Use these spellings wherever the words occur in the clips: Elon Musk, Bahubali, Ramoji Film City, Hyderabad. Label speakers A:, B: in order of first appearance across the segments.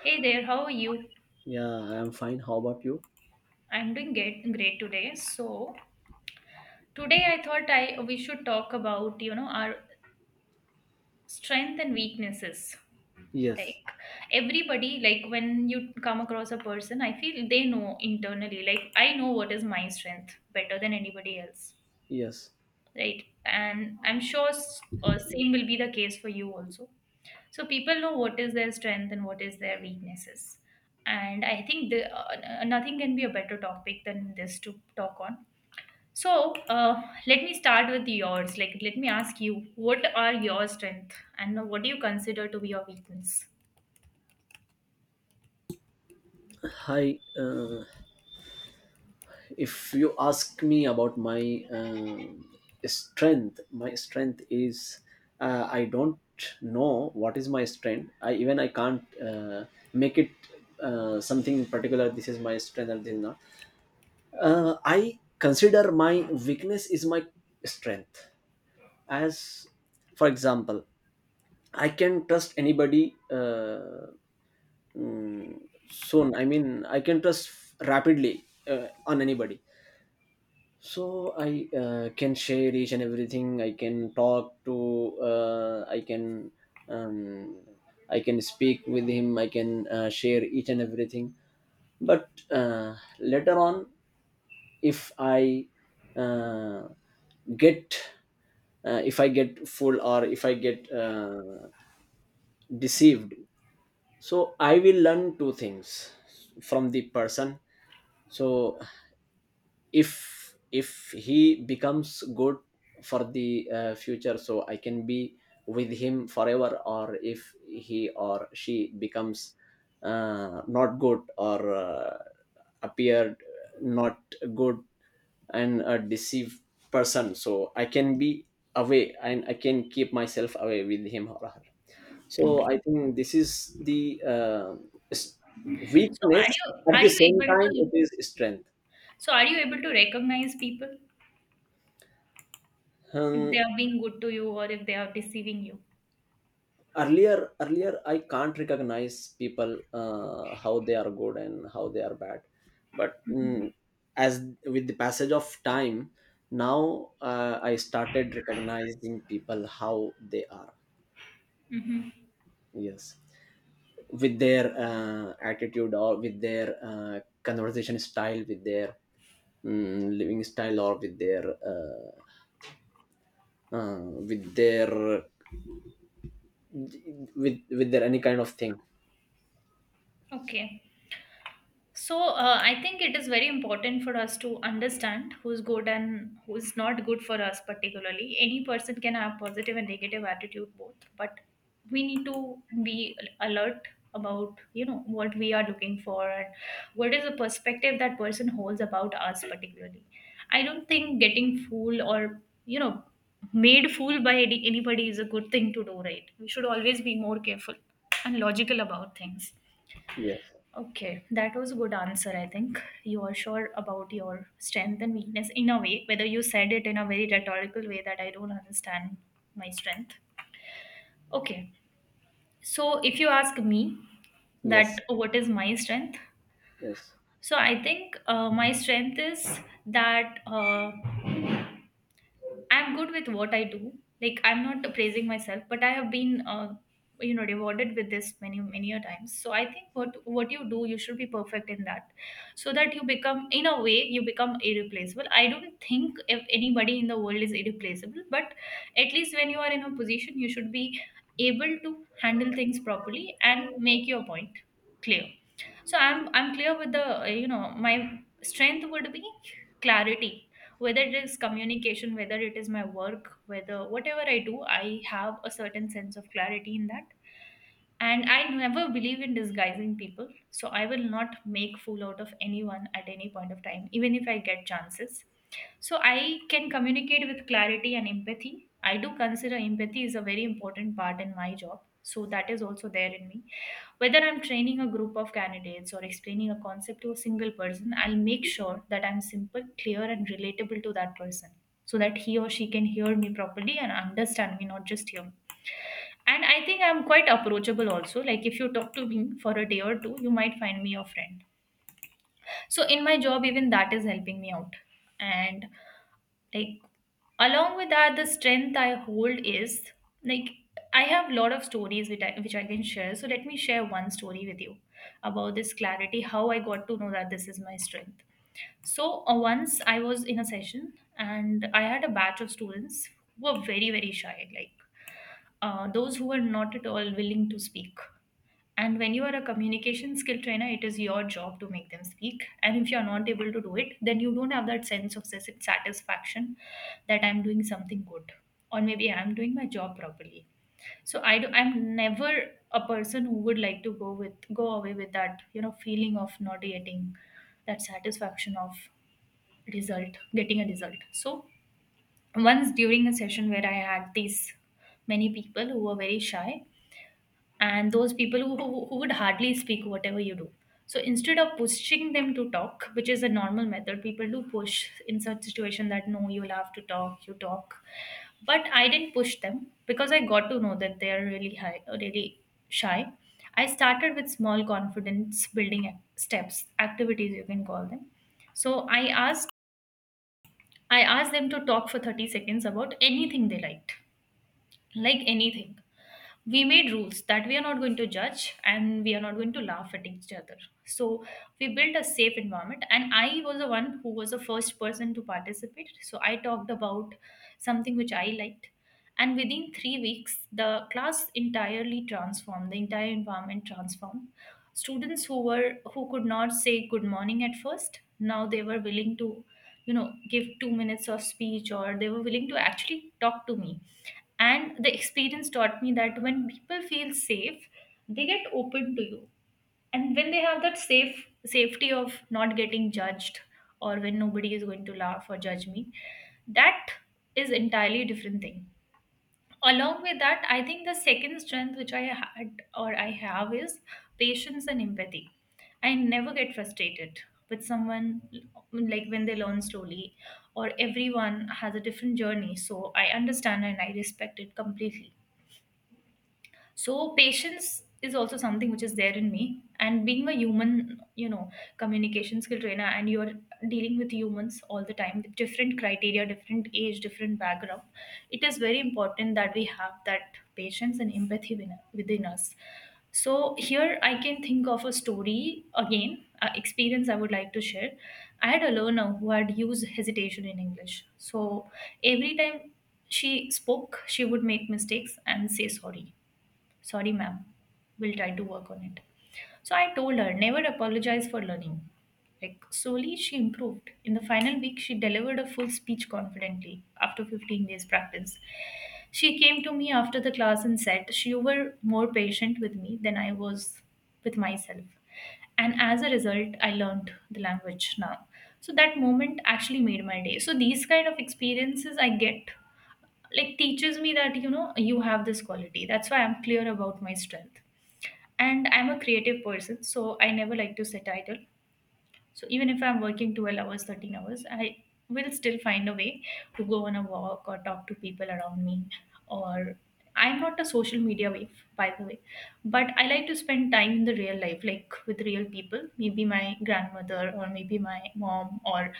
A: Hey there, how are you?
B: Yeah, I am fine. How about you?
A: I'm doing great today. So today I thought I we should talk about our strength and weaknesses. Like
B: Yes,
A: everybody, like when you come across a person, I feel they know internally. Like I know what is my strength better than anybody else,
B: yes.
A: right? And I'm sure same will be the case for you also. So people know what is their strength and what is their weaknesses. And I think nothing can be a better topic than this to talk on. So let me start with yours. Like, let me ask you, what are your strength, and what do you consider to be your weakness?
B: Hi. If you ask me about my strength, my strength is I don't know what is my strength. I even I can't make it something in particular. This is my strength and this is not. I consider my weakness is my strength. As for example, I can trust anybody. Soon I mean I can trust rapidly on anybody, so I can share each and everything. I can talk to, I can, um, I can speak with him. I can share each and everything, but uh, later on, if I uh, get, if I get full or if I get deceived, so I will learn two things from the person. So if if he becomes good for the future, so I can be with him forever, or if he or she becomes not good or appeared not good and a deceived person, so I can be away and I can keep myself away with him or her. So I think this is the s-
A: So,
B: weakness.
A: are you
B: At
A: are
B: the
A: you
B: same
A: able
B: time, it
A: to?
B: is strength.
A: So, are you able to recognize people if they
B: Um,
A: are being good to you or if they are deceiving you?
B: earlier I can't recognize people how they are good and how they are bad, but
A: Mm-hmm.
B: as with the passage of time, now I started recognizing people how they are.
A: Mm-hmm.
B: Yes, with their attitude or with their conversation style, with their living style or with their with their, with their any kind of thing.
A: Okay. So, I think it is very important for us to understand who's good and who's not good for us, particularly. Any person can have positive and negative attitude both, but we need to be alert about what we are looking for and what is the perspective that person holds about us particularly. I don't think getting fooled or made fool by anybody is a good thing to do, right? We should always be more careful and logical about things.
B: Yes,
A: Okay, that was a good answer, I think. You are sure about your strength and weakness in a way, whether you said it in a very rhetorical way, that I don't understand my strength. Okay, so if you ask me
B: yes,
A: that what is my strength,
B: yes.
A: so I think my strength is that. I'm good with what I do. Like I'm not praising myself, but I have been, rewarded with this many many a times. So I think what you do, you should be perfect in that, so that you become, in a way, you become irreplaceable. I don't think if anybody in the world is irreplaceable, but at least when you are in a position, you should be able to handle things properly and make your point clear. So I'm clear with the my strength would be clarity, whether it is communication, whether it is my work, whether whatever I do, I have a certain sense of clarity in that. And I never believe in disguising people, so I will not make fool out of anyone at any point of time, even if I get chances. So I can communicate with clarity and empathy. I do consider empathy is a very important part in my job, so that is also there in me. Whether I'm training a group of candidates or explaining a concept to a single person, I'll make sure that I'm simple, clear and relatable to that person, so that he or she can hear me properly and understand me, not just hear. And I think I'm quite approachable also. Like if you talk to me for a day or two, you might find me your friend. So in my job, even that is helping me out. And like along with that, the strength I hold is, like, I have a lot of stories which I can share. So let me share one story with you about this clarity, how I got to know that this is my strength. So once I was in a session and I had a batch of students who were very, very shy. Like those who are not at all willing to speak. And when you are a communication skill trainer, it is your job to make them speak. And if you are not able to do it, then you don't have that sense of satisfaction that I'm doing something good, or maybe I'm doing my job properly. So I do, I'm never a person who would like to go away with that feeling of not getting that satisfaction of getting a result. So once during a session where I had these many people who were very shy and those people who would hardly speak whatever you do, so instead of pushing them to talk, which is a normal method people do push in such situation, that no, you'll have to talk, you talk, but I didn't push them because I got to know that they are really high, really shy. I started with small confidence building steps, activities you can call them. So I asked them to talk for 30 seconds about anything they liked, like anything. We made rules that we are not going to judge and we are not going to laugh at each other. So we built a safe environment and I was the one who was the first person to participate. So I talked about something which I liked. And within three weeks the class entirely transformed, the entire environment transformed. Students who were, who could not say good morning at first, now they were willing to, give 2 minutes of speech, or they were willing to actually talk to me. And the experience taught me that when people feel safe, they get open to you, and when they have that safety of not getting judged, or when nobody is going to laugh or judge me, that is entirely different thing. Along with that, I think the second strength which I had or I have is patience and empathy. I never get frustrated with someone, like when they learn slowly, or everyone has a different journey, so I understand and I respect it completely. So patience is also something which is there in me. And being a human, communication skill trainer, and you're dealing with humans all the time, with different criteria, different age, different background, it is very important that we have that patience and empathy within us. So here I can think of a story again, experience I would like to share. I had a learner who had used hesitation in English. So every time she spoke, she would make mistakes and say sorry. Sorry, ma'am. We'll try to work on it. So I told her, never apologize for learning. Like, slowly she improved. In the final week, she delivered a full speech confidently after 15 days practice. She came to me after the class and said, she were more patient with me than I was with myself. And as a result, I learned the language now. So that moment actually made my day. So these kind of experiences I get like teaches me that, you have this quality, that's why I'm clear about my strength. And I'm a creative person, so I never like to sit idle. So even if I'm working 12 hours, 13 hours, I will still find a way to go on a walk or talk to people around me, or I'm not a social media wave, by the way, but I like to spend time in the real life, like with real people, maybe my grandmother or maybe my mom, or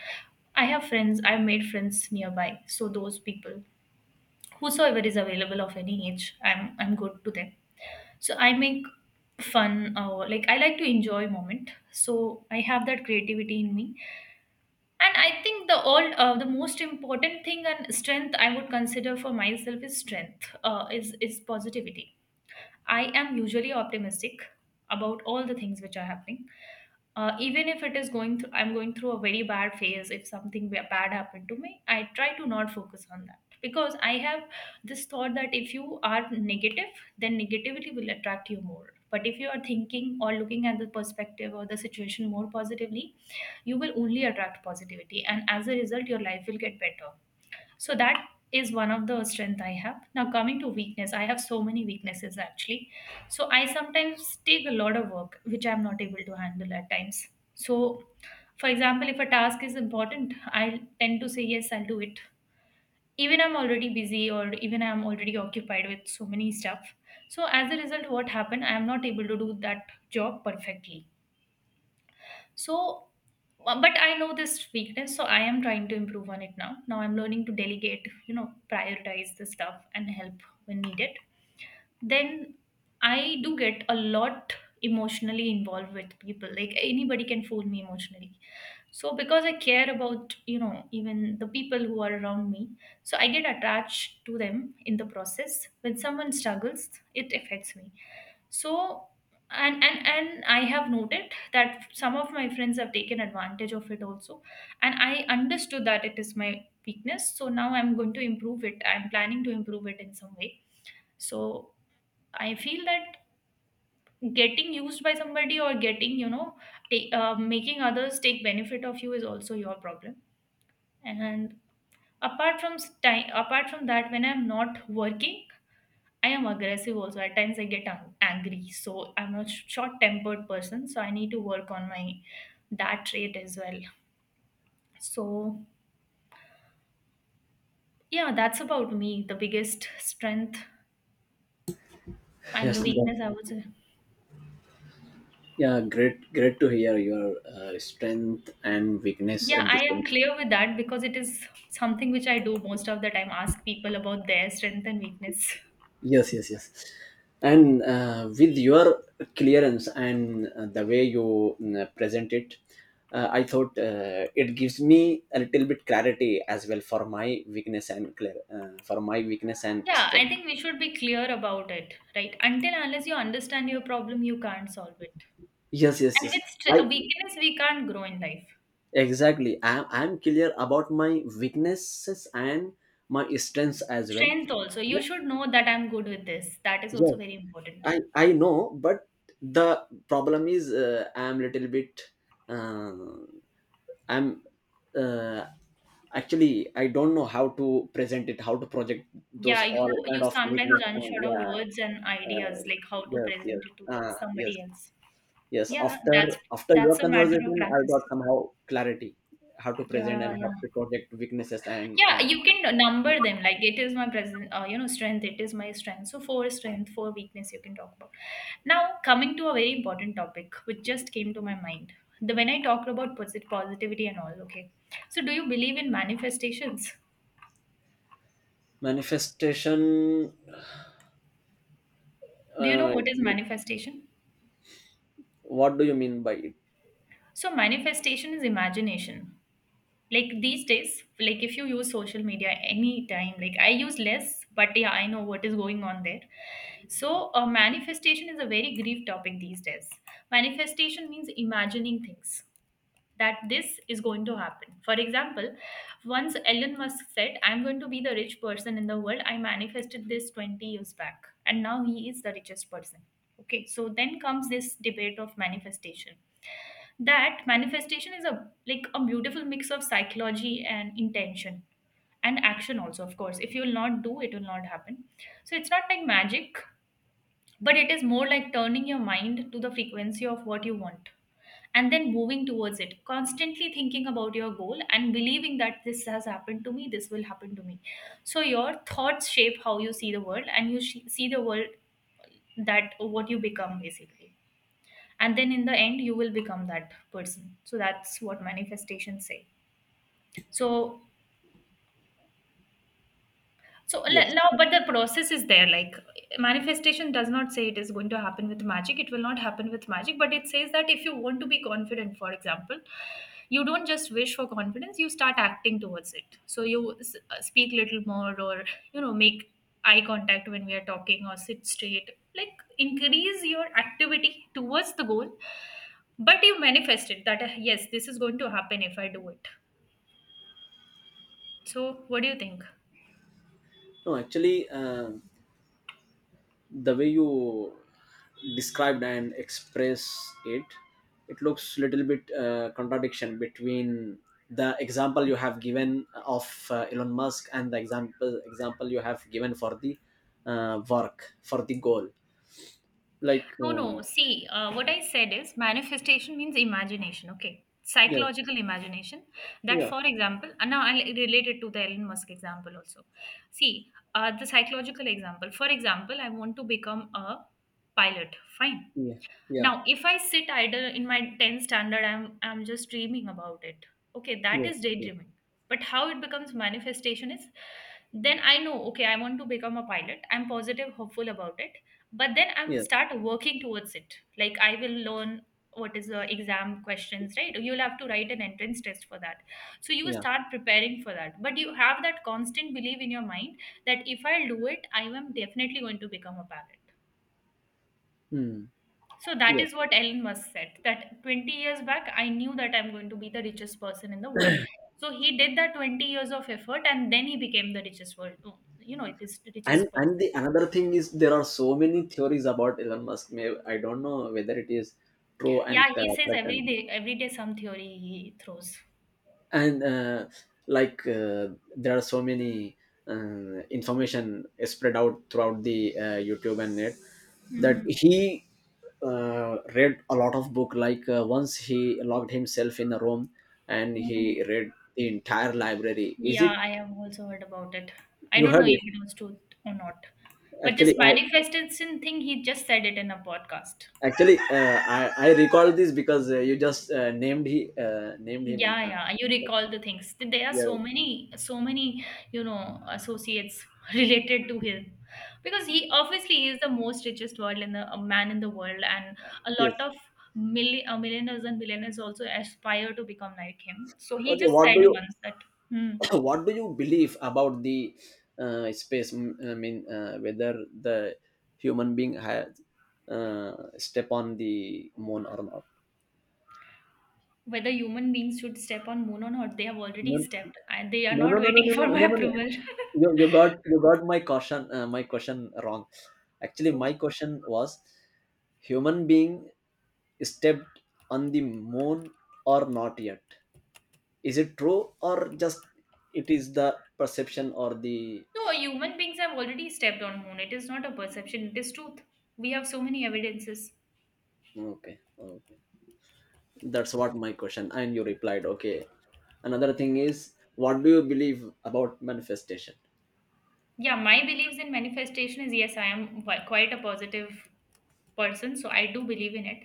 A: I have friends, I've made friends nearby. So those people, whosoever is available of any age, I'm good to them. So I make fun, or like I like to enjoy moment, so I have that creativity in me. And I think the most important thing and strength I would consider for myself is strength is positivity. I am usually optimistic about all the things which are happening. Even if it is going through, I'm going through a very bad phase, if something bad happened to me, I try to not focus on that, because I have this thought that if you are negative, then negativity will attract you more. But if you are thinking or looking at the perspective or the situation more positively, you will only attract positivity, and as a result, your life will get better. So that is one of the strength I have. Now coming to weakness, I have so many weaknesses actually. So I sometimes take a lot of work which I'm not able to handle at times. So for example, if a task is important, I tend to say yes, I'll do it. Even I'm already busy, or even I'm already occupied with so many stuff. So as a result, what happened? I am not able to do that job perfectly. So, but I know this weakness, so I am trying to improve on it now. Now I'm learning to delegate, prioritize the stuff and help when needed. Then I do get a lot emotionally involved with people. Like anybody can fool me emotionally. So because I care about, even the people who are around me, so I get attached to them in the process. When someone struggles, it affects me, so and I have noted that some of my friends have taken advantage of it also. And I understood that it is my weakness, so now I'm going to improve it. I'm planning to improve it in some way. So I feel that getting used by somebody, or getting you know take, making others take benefit of you is also your problem. And apart from apart from that, when I'm not working, I am aggressive also. At times I get angry. So I'm a short tempered person. So I need to work on my that trait as well. So yeah, that's about me. The biggest strength and
B: Yes,
A: the
B: that-
A: weakness, I would say.
B: yeah, great, great to hear your strength and weakness
A: Yeah,
B: at the
A: I am
B: same time.
A: clear with that because it is something which I do most of the time, ask people about their strength and weakness.
B: Yes, yes, yes. And with your clearance and the way you present it, I thought it gives me a little bit clarity as well for my weakness and clear for my weakness and
A: Yeah, I
B: strength.
A: think we should be clear about it, right? Until unless you understand your problem, you can't solve it.
B: Yes, yes,
A: And
B: yes.
A: with
B: I
A: weakness, we can't grow in life.
B: Exactly. I'm clear about my weaknesses and my strengths as well.
A: Strength also. You
B: But
A: should know that I'm good with this. That is also
B: yes,
A: very important.
B: I know, but the problem is I'm little bit uh, I'm uh, actually I don't know how to present it, how to project those
A: Yeah,
B: all
A: you
B: kind
A: you
B: of
A: sometimes
B: weakness.
A: run
B: And
A: short of
B: yeah,
A: words and
B: uh,
A: ideas, like how to
B: yes, yes,
A: present it to
B: yes,
A: somebody else.
B: yes.
A: Yeah,
B: After
A: that's
B: after your
A: that's a matter of
B: conversation, I got
A: practice.
B: somehow clarity how to present
A: Yeah,
B: and how
A: yeah.
B: to project weaknesses and
A: Yeah, you can number them. Like it is my present, strength. It is my strength. So four strength, four weakness, you can talk about. Now coming to a very important topic, which just came to my mind. The When I talked about positivity and all. Okay, so do you believe in manifestations?
B: manifestation.
A: Do you know
B: Uh,
A: what is
B: you-
A: manifestation?
B: what do you mean by it?
A: So manifestation is imagination. Like these days, like if you use social media any time, like I use less, but yeah, I know what is going on there. So manifestation is a very grief topic these days. Manifestation means imagining things, that this is going to happen. For example, once Elon Musk said, "I'm going to be the rich person in the world, I manifested this 20 years back," and now he is the richest person. Okay, so then comes this debate of manifestation. That manifestation is a like a beautiful mix of psychology and intention, and action also, of course. If you will not do, it will not happen. So it's not like magic, but it is more like turning your mind to the frequency of what you want, and then moving towards it, constantly thinking about your goal and believing that this has happened to me, this will happen to me. So your thoughts shape how you see the world, and see the world, that what you become basically. And then in the end, you will become that person. So that's what manifestations say. So
B: Yes.
A: now, but the process is there. Like manifestation does not say it is going to happen with magic. It will not happen with magic, but it says that if you want to be confident, for example, you don't just wish for confidence. You start acting towards it. So speak little more, or make eye contact when we are talking, or sit straight. Like increase your activity towards the goal, but you manifest it that yes, this is going to happen if I do it. So what do you think?
B: No, actually. The way you described and express it, it looks little bit contradiction between the example you have given of Elon Musk and the example you have given for the work for the goal, like
A: No, no, see. What I said is manifestation means imagination, okay?
B: yeah,
A: Psychological imagination. That,
B: yeah,
A: for example, and now I'll relate it to the Elon Musk example also. See, the psychological example. For example, I want to become a pilot, fine.
B: yeah, yeah,
A: Now, if I sit idle in my 10th standard, I'm just dreaming about it. Okay, that
B: yeah,
A: is
B: yeah,
A: daydreaming. But how it becomes manifestation is, then I know, okay, I want to become a pilot. I'm positive, hopeful about it. But then I'm
B: yeah,
A: start working towards it. Like I will learn what is the exam questions, right? You'll have to write an entrance test for that. So you
B: yeah.
A: start preparing for that. But you have that constant belief in your mind, that if I do it, I am definitely going to become a pilot.
B: Hmm.
A: So that
B: Yeah.
A: is what Elon Musk said, that 20 years back, I knew that I'm going to be the richest person in the world. So he did that 20 years of effort and then he became the richest world, oh, you know, it is the
B: and
A: richest
B: and the
A: person.
B: another thing is, there are so many theories about Elon Musk. May I don't know whether it is true
A: Yeah,
B: and
A: he says
B: correct.
A: every day some theory he throws.
B: And like there are so many information spread out throughout the YouTube and net, that
A: Mhm.
B: he read a lot of book. Like once he locked himself in a room and he
A: Mhm.
B: read the entire library, is it?
A: Yeah, I have also heard about it. I
B: You
A: don't know
B: heard
A: if
B: it.
A: it was true or not. But
B: actually
A: this
B: i
A: manifestation thing, he just said it in a podcast.
B: actually uh, i i recall this because you just named, he named him,
A: Yeah, yeah. You recall the things. There are so
B: yes,
A: many, so many, associates related to him, because he obviously he is the most richest world in the a man in the world, and a
B: yes.
A: lot of millionaires and billionaires also aspire to become like him. So he
B: Okay,
A: just
B: what
A: said
B: do you
A: once that hmm,
B: what do you believe about the space whether the human being has step on the moon or not?
A: whether human beings should step on moon or not, they have already
B: No,
A: stepped, and they are
B: no, no,
A: not
B: no, no,
A: waiting
B: no,
A: for
B: no,
A: my
B: no, no, no.
A: approval.
B: You got, you got my caution, my question wrong. Actually,
A: So
B: my question was, human being stepped on the moon or not yet? Is it true, or just it is the perception or the—
A: no, human beings have already stepped on moon. It is not a perception; it is truth. We have so many evidences.
B: okay, okay. That's what my question. And you replied, okay. Another thing is, what do you believe about manifestation?
A: Yeah, my beliefs in manifestation is yes, I am quite a positive person, so I do believe in it.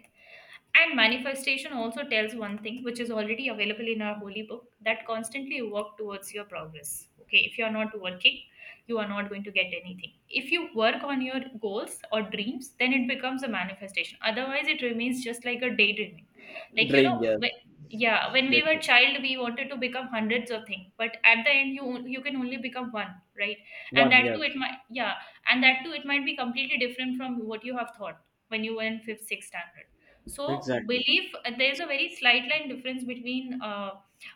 A: And manifestation also tells one thing, which is already available in our holy book, that constantly work towards your progress. Okay, if you are not working, you are not going to get anything. If you work on your goals or dreams, then it becomes a manifestation. Otherwise, it remains just like a daydreaming. Like, you
B: Dream,
A: know,
B: yes.
A: when, yeah, when we were
B: Dream,
A: child, we wanted to become hundreds of things, but at the end, you can only become one, right? And
B: one,
A: that too,
B: yes.
A: it might, yeah, and that too, it might be completely different from what you have thought when you were in fifth, sixth standard. So,
B: Exactly.
A: belief, there's a very slight line difference between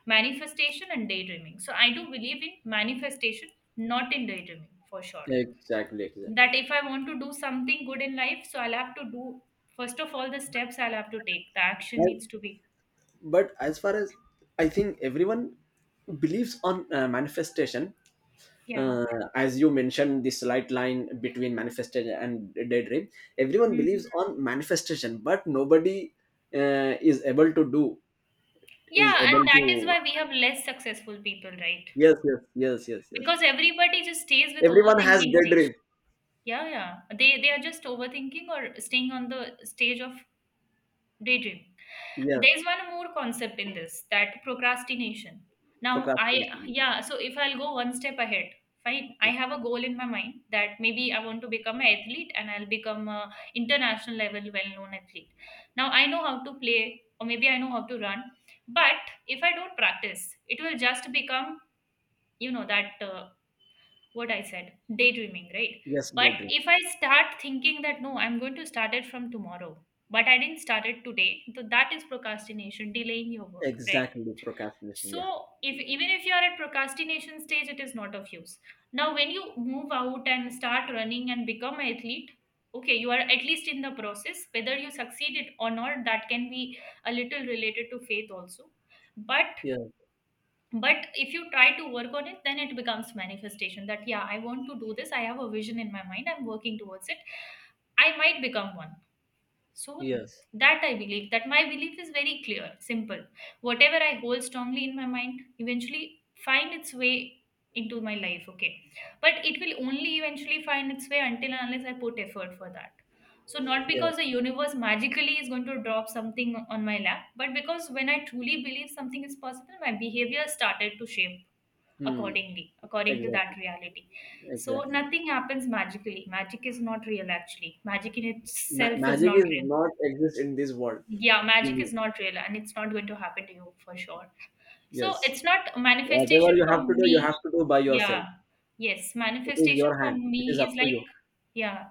A: manifestation and daydreaming. So, I do believe in manifestation, not in daydreaming for sure.
B: Exactly, exactly.
A: That if I want to do something good in life, so I'll have to do, first of all, the steps I'll have to take. The action
B: And—
A: needs to be.
B: but as far as I think, everyone believes on manifestation,
A: Yeah.
B: uh, as you mentioned, this slight line between manifestation and daydream, everyone believes
A: Mm.
B: on manifestation, but nobody is able to do, is
A: Yeah,
B: able
A: and that is
B: to.
A: why we have less successful people, right?
B: Yes, yes, yes, yes, yes.
A: Because everybody just stays with
B: Everyone has
A: overthinking
B: dead
A: stage.
B: rib.
A: Yeah, yeah. They are just overthinking or staying on the stage of daydream.
B: Yeah,
A: There's one more concept in this, that procrastination. Now, I,
B: procrastination.
A: yeah, so if I'll go one step ahead, fine, I
B: Yeah.
A: have a goal in my mind that maybe I want to become an athlete, and I'll become a international level well known athlete. Now, I know how to play, or maybe I know how to run, but if I don't practice, it will just become, you know, that what I said, daydreaming, right?
B: Yes,
A: But
B: dead rib.
A: if I start thinking that no, I'm going to start it from tomorrow, but I didn't start it today, so that is procrastination, delaying your work, right?
B: Exactly, procrastination. Yeah.
A: So if even if you are at procrastination stage, it is not of use. Now, when you move out and start running and become an athlete, okay, you are at least in the process. Whether you succeeded or not, that can be a little related to faith also. But
B: Yeah.
A: but if you try to work on it, then it becomes manifestation, that yeah, I want to do this, I have a vision in my mind, I'm working towards it, I might become one. So
B: Yes.
A: that I believe, that my belief is very clear, simple. Whatever I hold strongly in my mind eventually find its way into my life, okay. But it will only eventually find its way until and unless I put effort for that. So not
B: Yeah.
A: because the universe magically is going to drop something on my lap, but because when I truly believe something is possible, my behavior started to shape
B: Hmm.
A: accordingly, according to
B: Exactly.
A: that reality. So
B: Exactly.
A: nothing happens magically. Magic is not real actually. Magic in
B: Ma-
A: itself is
B: magic
A: not
B: is
A: real.
B: not exist in this world.
A: Yeah, magic
B: Mhm.
A: is not real, and it's not going to happen to you for sure. So
B: Yes.
A: it's not
B: Whatever
A: manifestation
B: you
A: for
B: have to do, you
A: me.
B: have to do by yourself.
A: Yeah. Yes,
B: It is
A: manifestation
B: your
A: for
B: hand. It is
A: me
B: up
A: is
B: to
A: like,
B: you.
A: yeah,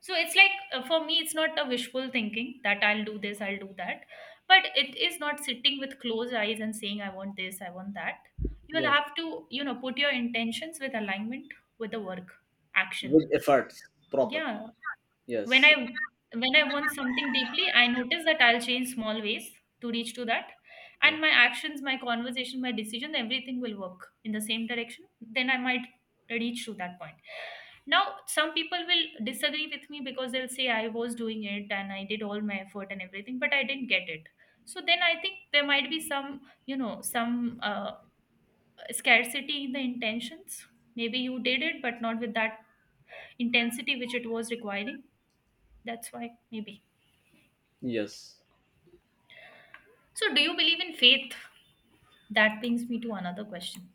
A: so it's like, for me it's not a wishful thinking that I'll do this, I'll do that. But it is not sitting with closed eyes and saying I want this, I want that. You will
B: Yes.
A: have to, you know, put your intentions with alignment with the work, action.
B: With efforts, proper.
A: Yeah. when i
B: Yes.
A: when i want something deeply, I notice that I'll change small ways to reach to that. And
B: Yes.
A: my actions, my conversation, my decision, everything will work in the same direction. Then I might reach to that point. Now some people will disagree with me because they'll say I was doing it and I did all my effort and everything, but I didn't get it. So then I think there might be some, you know, some scarcity in the intentions. Maybe you did it but not with that intensity which it was requiring. That's why. Maybe.
B: Yes.
A: So, do you believe in faith? That brings me to another question.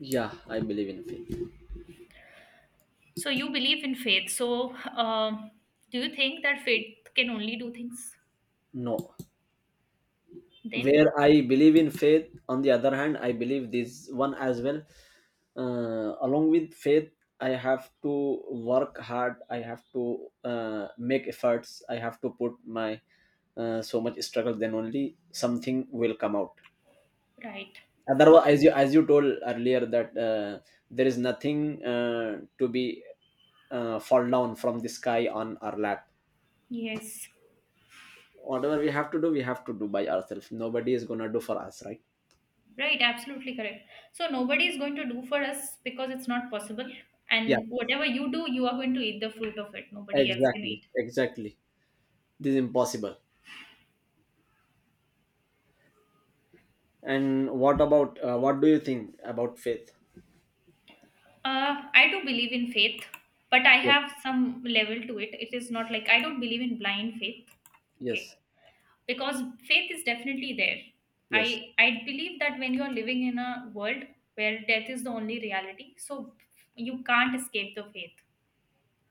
B: Yeah, I believe in faith.
A: So, you believe in faith. So, uh, do you think that faith can only do things
B: No.
A: then?
B: Where I believe in faith, on the other hand I believe this one as well. Along with faith, I have to work hard. I have to make efforts. I have to put my so much struggle, then only something will come out.
A: Right.
B: Otherwise, as you, as you told earlier, that there is nothing to be fall down from the sky on our lap.
A: Yes.
B: Whatever we have to do, we have to do by ourselves. Nobody is gonna do for us, right?
A: Right. Absolutely correct. So, nobody is going to do for us because it's not possible.
B: Yeah.
A: And whatever you do, you are going to eat the fruit of it. Nobody else can
B: Exactly,
A: eat.
B: exactly. This is impossible. And what about what do you think about faith?
A: I do believe in faith, but I
B: Yeah.
A: have some level to it. It is not like I don't believe in blind faith. Okay,
B: Yes,
A: because faith is definitely there.
B: yes,
A: I i believe that when you're living in a world where death is the only reality, so you can't escape the faith.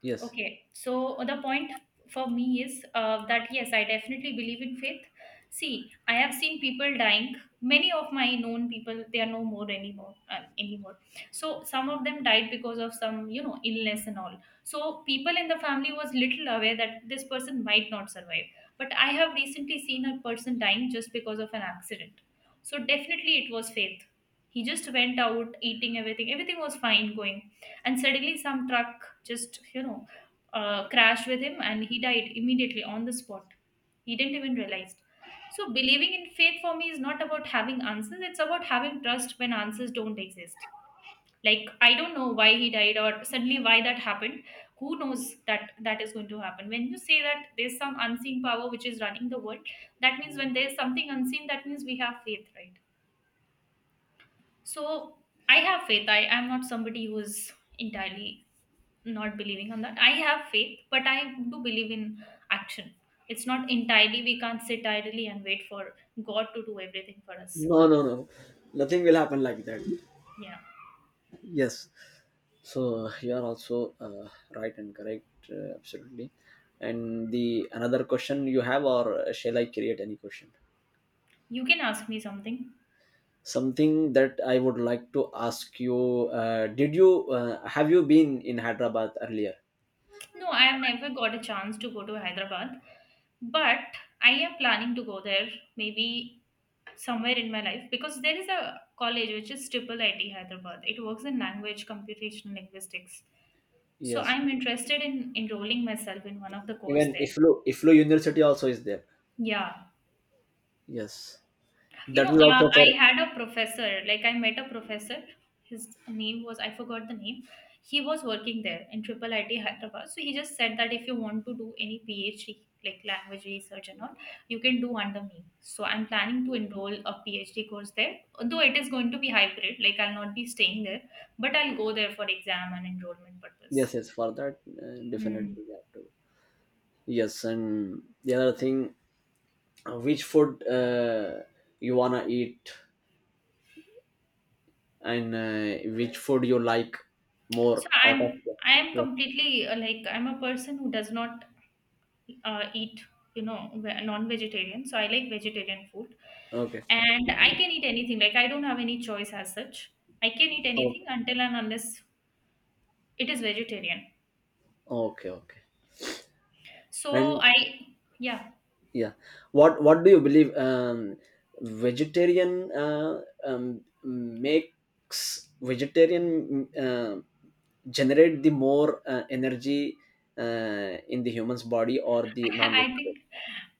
B: yes.
A: Okay, so the point for me is that yes, I definitely believe in faith. See, I have seen people dying. Many of my known people, they are no more anymore. So some of them died because of some, you know, illness and all. So people in the family was little aware that this person might not survive. But I have recently seen a person dying just because of an accident. So definitely it was faith. He just went out eating everything. Everything was fine going, and suddenly some truck just, you know, crashed with him and he died immediately on the spot. He didn't even realize. So, believing in faith for me is not about having answers, it's about having trust when answers don't exist. Like, I don't know why he died or suddenly why that happened. Who knows that that is going to happen? When you say that there's some unseen power which is running the world, that means when there's something unseen, that means we have faith, right? So I have faith. I am not somebody who is entirely not believing on that. I have faith, but I do believe in action. It's not entirely, we can't sit idly and wait for God to do everything for us.
B: No, no, no. Nothing will happen like that.
A: Yeah.
B: Yes. So you are also right and correct, absolutely. And the another question you have, or shall I create any question?
A: You can ask me something.
B: Something that I would like to ask you: did you have you been in Hyderabad earlier?
A: No, I have never got a chance to go to Hyderabad, but I am planning to go there maybe somewhere in my life because there is a college which is triple IT Hyderabad. It works in language, computational linguistics. So
B: Yes.
A: I'm interested in enrolling myself in one of the course
B: Even
A: there.
B: IFLU, IFLU university also is there.
A: Yeah.
B: Yes,
A: You
B: that
A: know,
B: is also
A: I
B: for—
A: had a professor, like I met a professor. His name was, I forgot the name. He was working there in Triple IT Hyderabad. So he just said that if you want to do any PhD, like language research and all, you can do under me. So I'm planning to enroll a PhD course there, though it is going to be hybrid, like I'll not be staying there, but I'll go there for exam and enrollment purpose.
B: yes, yes. For that, definitely
A: Hmm.
B: we have to— yes. And the other thing, which food you wanna eat, and which food you like
A: So
B: more out of—
A: I'm I am
B: yeah.
A: completely, like I'm a person who does not eat, you know, ve- non-vegetarian. So I like vegetarian food,
B: Okay,
A: and I can eat anything. Like I don't have any choice as such. I can eat
B: okay.
A: anything until and unless it is vegetarian.
B: Okay, okay.
A: So
B: And
A: I, yeah.
B: yeah, what do you believe, vegetarian, uh, um, makes vegetarian uh, generate the more energy in the human's body, or the
A: I
B: non-vegetarian?
A: think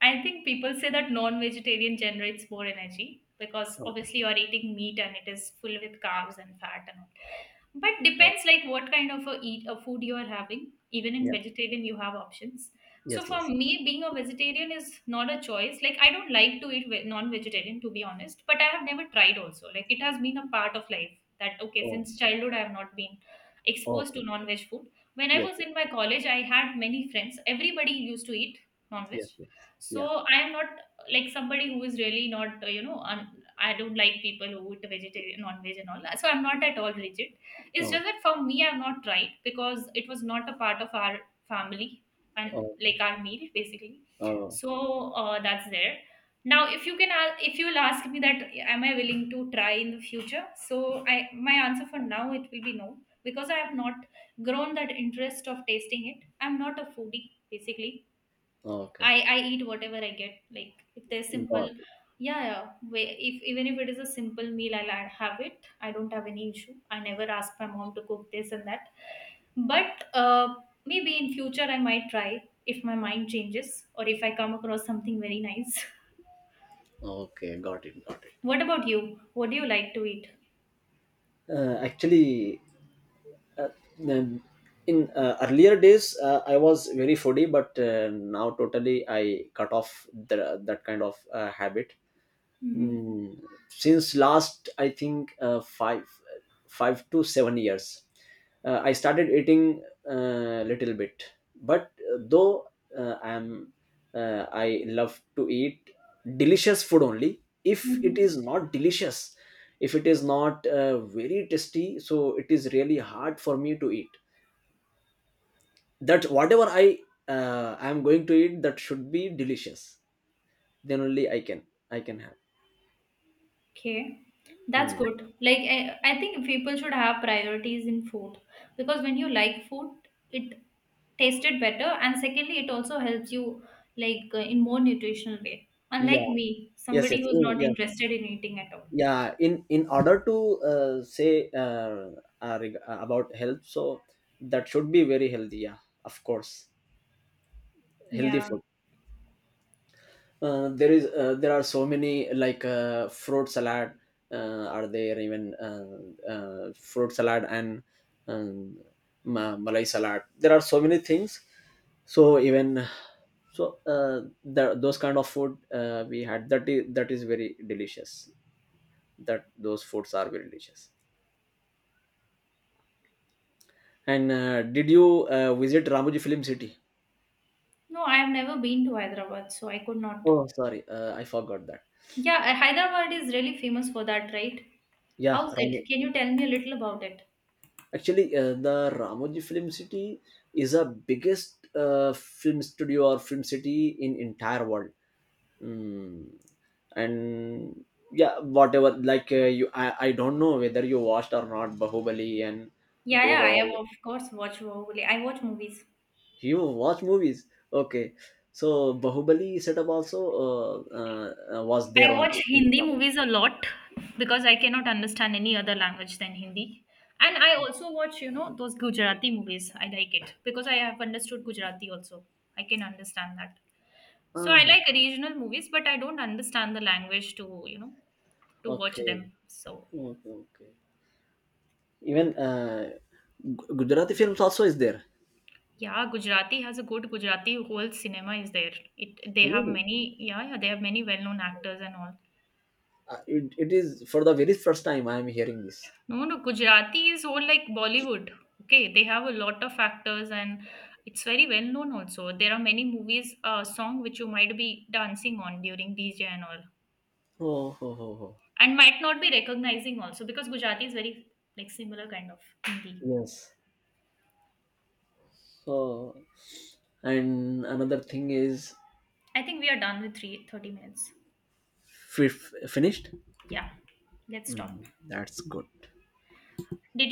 A: I think people say that non-vegetarian generates more energy because
B: Oh,
A: obviously you are eating meat and it is full with carbs and fat and all. But
B: oh,
A: depends like what kind of a eat a food you are having. Even in
B: yeah,
A: vegetarian, you have options.
B: yes,
A: So for
B: yes, yes.
A: me, being a vegetarian is not a choice. Like I don't like to eat ve- non-vegetarian to be honest, but I have never tried also. Like it has been a part of life that okay
B: Oh,
A: since childhood I have not been exposed to
B: okay.
A: non-veg food. When I
B: Yes,
A: was
B: yes,
A: in my college, I had many friends. Everybody used to eat non-veg.
B: yes, yes.
A: So
B: Yeah,
A: I am not like somebody who is really not, you know, I don't like people who eat vegetarian non-veg and all. So I'm not at all rigid. It's
B: oh,
A: just that for me, I've not tried because it was not a part of our family and
B: oh,
A: like our meal basically.
B: oh,
A: So that's there. Now, if you can ask, if you will ask me that, am I willing to try in the future? So I, my answer for now it will be no because I have not grown that interest of tasting it. I'm not a foodie basically.
B: okay,
A: I eat whatever I get. Like if there's simple,
B: got it.
A: yeah, yeah. If even if it is a simple meal, I'll have it. I don't have any issue. I never ask my mom to cook this and that. But maybe in future I might try if my mind changes or if I come across something very nice.
B: Okay, got it, got it.
A: What about you? What do you like to eat?
B: Actually, uh, then in earlier days, I was very foodie, but now totally I cut off the, that kind of habit.
A: Mm-hmm.
B: Mm, since last, I think, five, 5 to 7 years, I started eating a little bit. But though I am, I love to eat delicious food only. If it is not delicious, if it is not very tasty, so it is really hard for me to eat. That whatever I I am going to eat, that should be delicious, then only I can, I can have.
A: Okay, that's
B: Mm.
A: good. Like I think people should have priorities in food because when you like food, it tasted better, and secondly, it also helps you like in more nutritional way. Unlike
B: Yeah,
A: me,
B: yes,
A: somebody
B: yes.
A: who's
B: Oh,
A: not
B: yeah,
A: interested in eating at all.
B: yeah. In order to say, about health, so that should be very healthy. Yeah, of course, healthy
A: Yeah.
B: food. There is, there are so many, like fruit salad are there. Even fruit salad and um, malai salad, there are so many things. So even, so the, those kind of food we had, that is, that is very delicious. That, those foods are very delicious. And did you visit Ramoji Film City?
A: No, I have never been to Hyderabad, so I could not.
B: Oh, sorry, I forgot that.
A: Yeah, Hyderabad is really famous for that, right?
B: Yeah,
A: How's it?
B: Ramo.
A: Can you tell me a little about it?
B: Actually, the Ramoji Film City is the biggest film studio or film city in entire world. Mm. And yeah, whatever. Like you, I don't know whether you watched or not, Bahubali and
A: Yeah,
B: those.
A: yeah, I have
B: All.
A: of course watched Bahubali. I watch movies.
B: You watch movies, okay? So Bahubali setup also was there
A: I
B: only.
A: watch Hindi movies a lot because I cannot understand any other language than Hindi. And I also watch, you know, those Gujarati movies. I like it because I have understood Gujarati also. I can understand that. So I
B: Uh-huh.
A: like regional movies, but I don't understand the language to, you know, to watch
B: Okay.
A: them. So
B: Okay, okay. Even Gujarati films also is there.
A: yeah, Gujarati has a good Gujarati whole cinema is there. It they have
B: Really?
A: many, yeah, yeah, they have many well known actors and all.
B: It, it is for the very first time I am hearing this.
A: No, no, Gujarati is all like Bollywood. Okay, they have a lot of actors and it's very well known also. There are many movies, song which you might be dancing on during DJ and all,
B: Oh, ho, ho, ho.
A: and might not be recognizing also because Gujarati is very like similar kind of Hindi.
B: Yes. So, and another thing is,
A: I think we are done with three thirty minutes.
B: fi- finished?
A: Yeah, let's stop.
B: Mm, that's good.
A: Did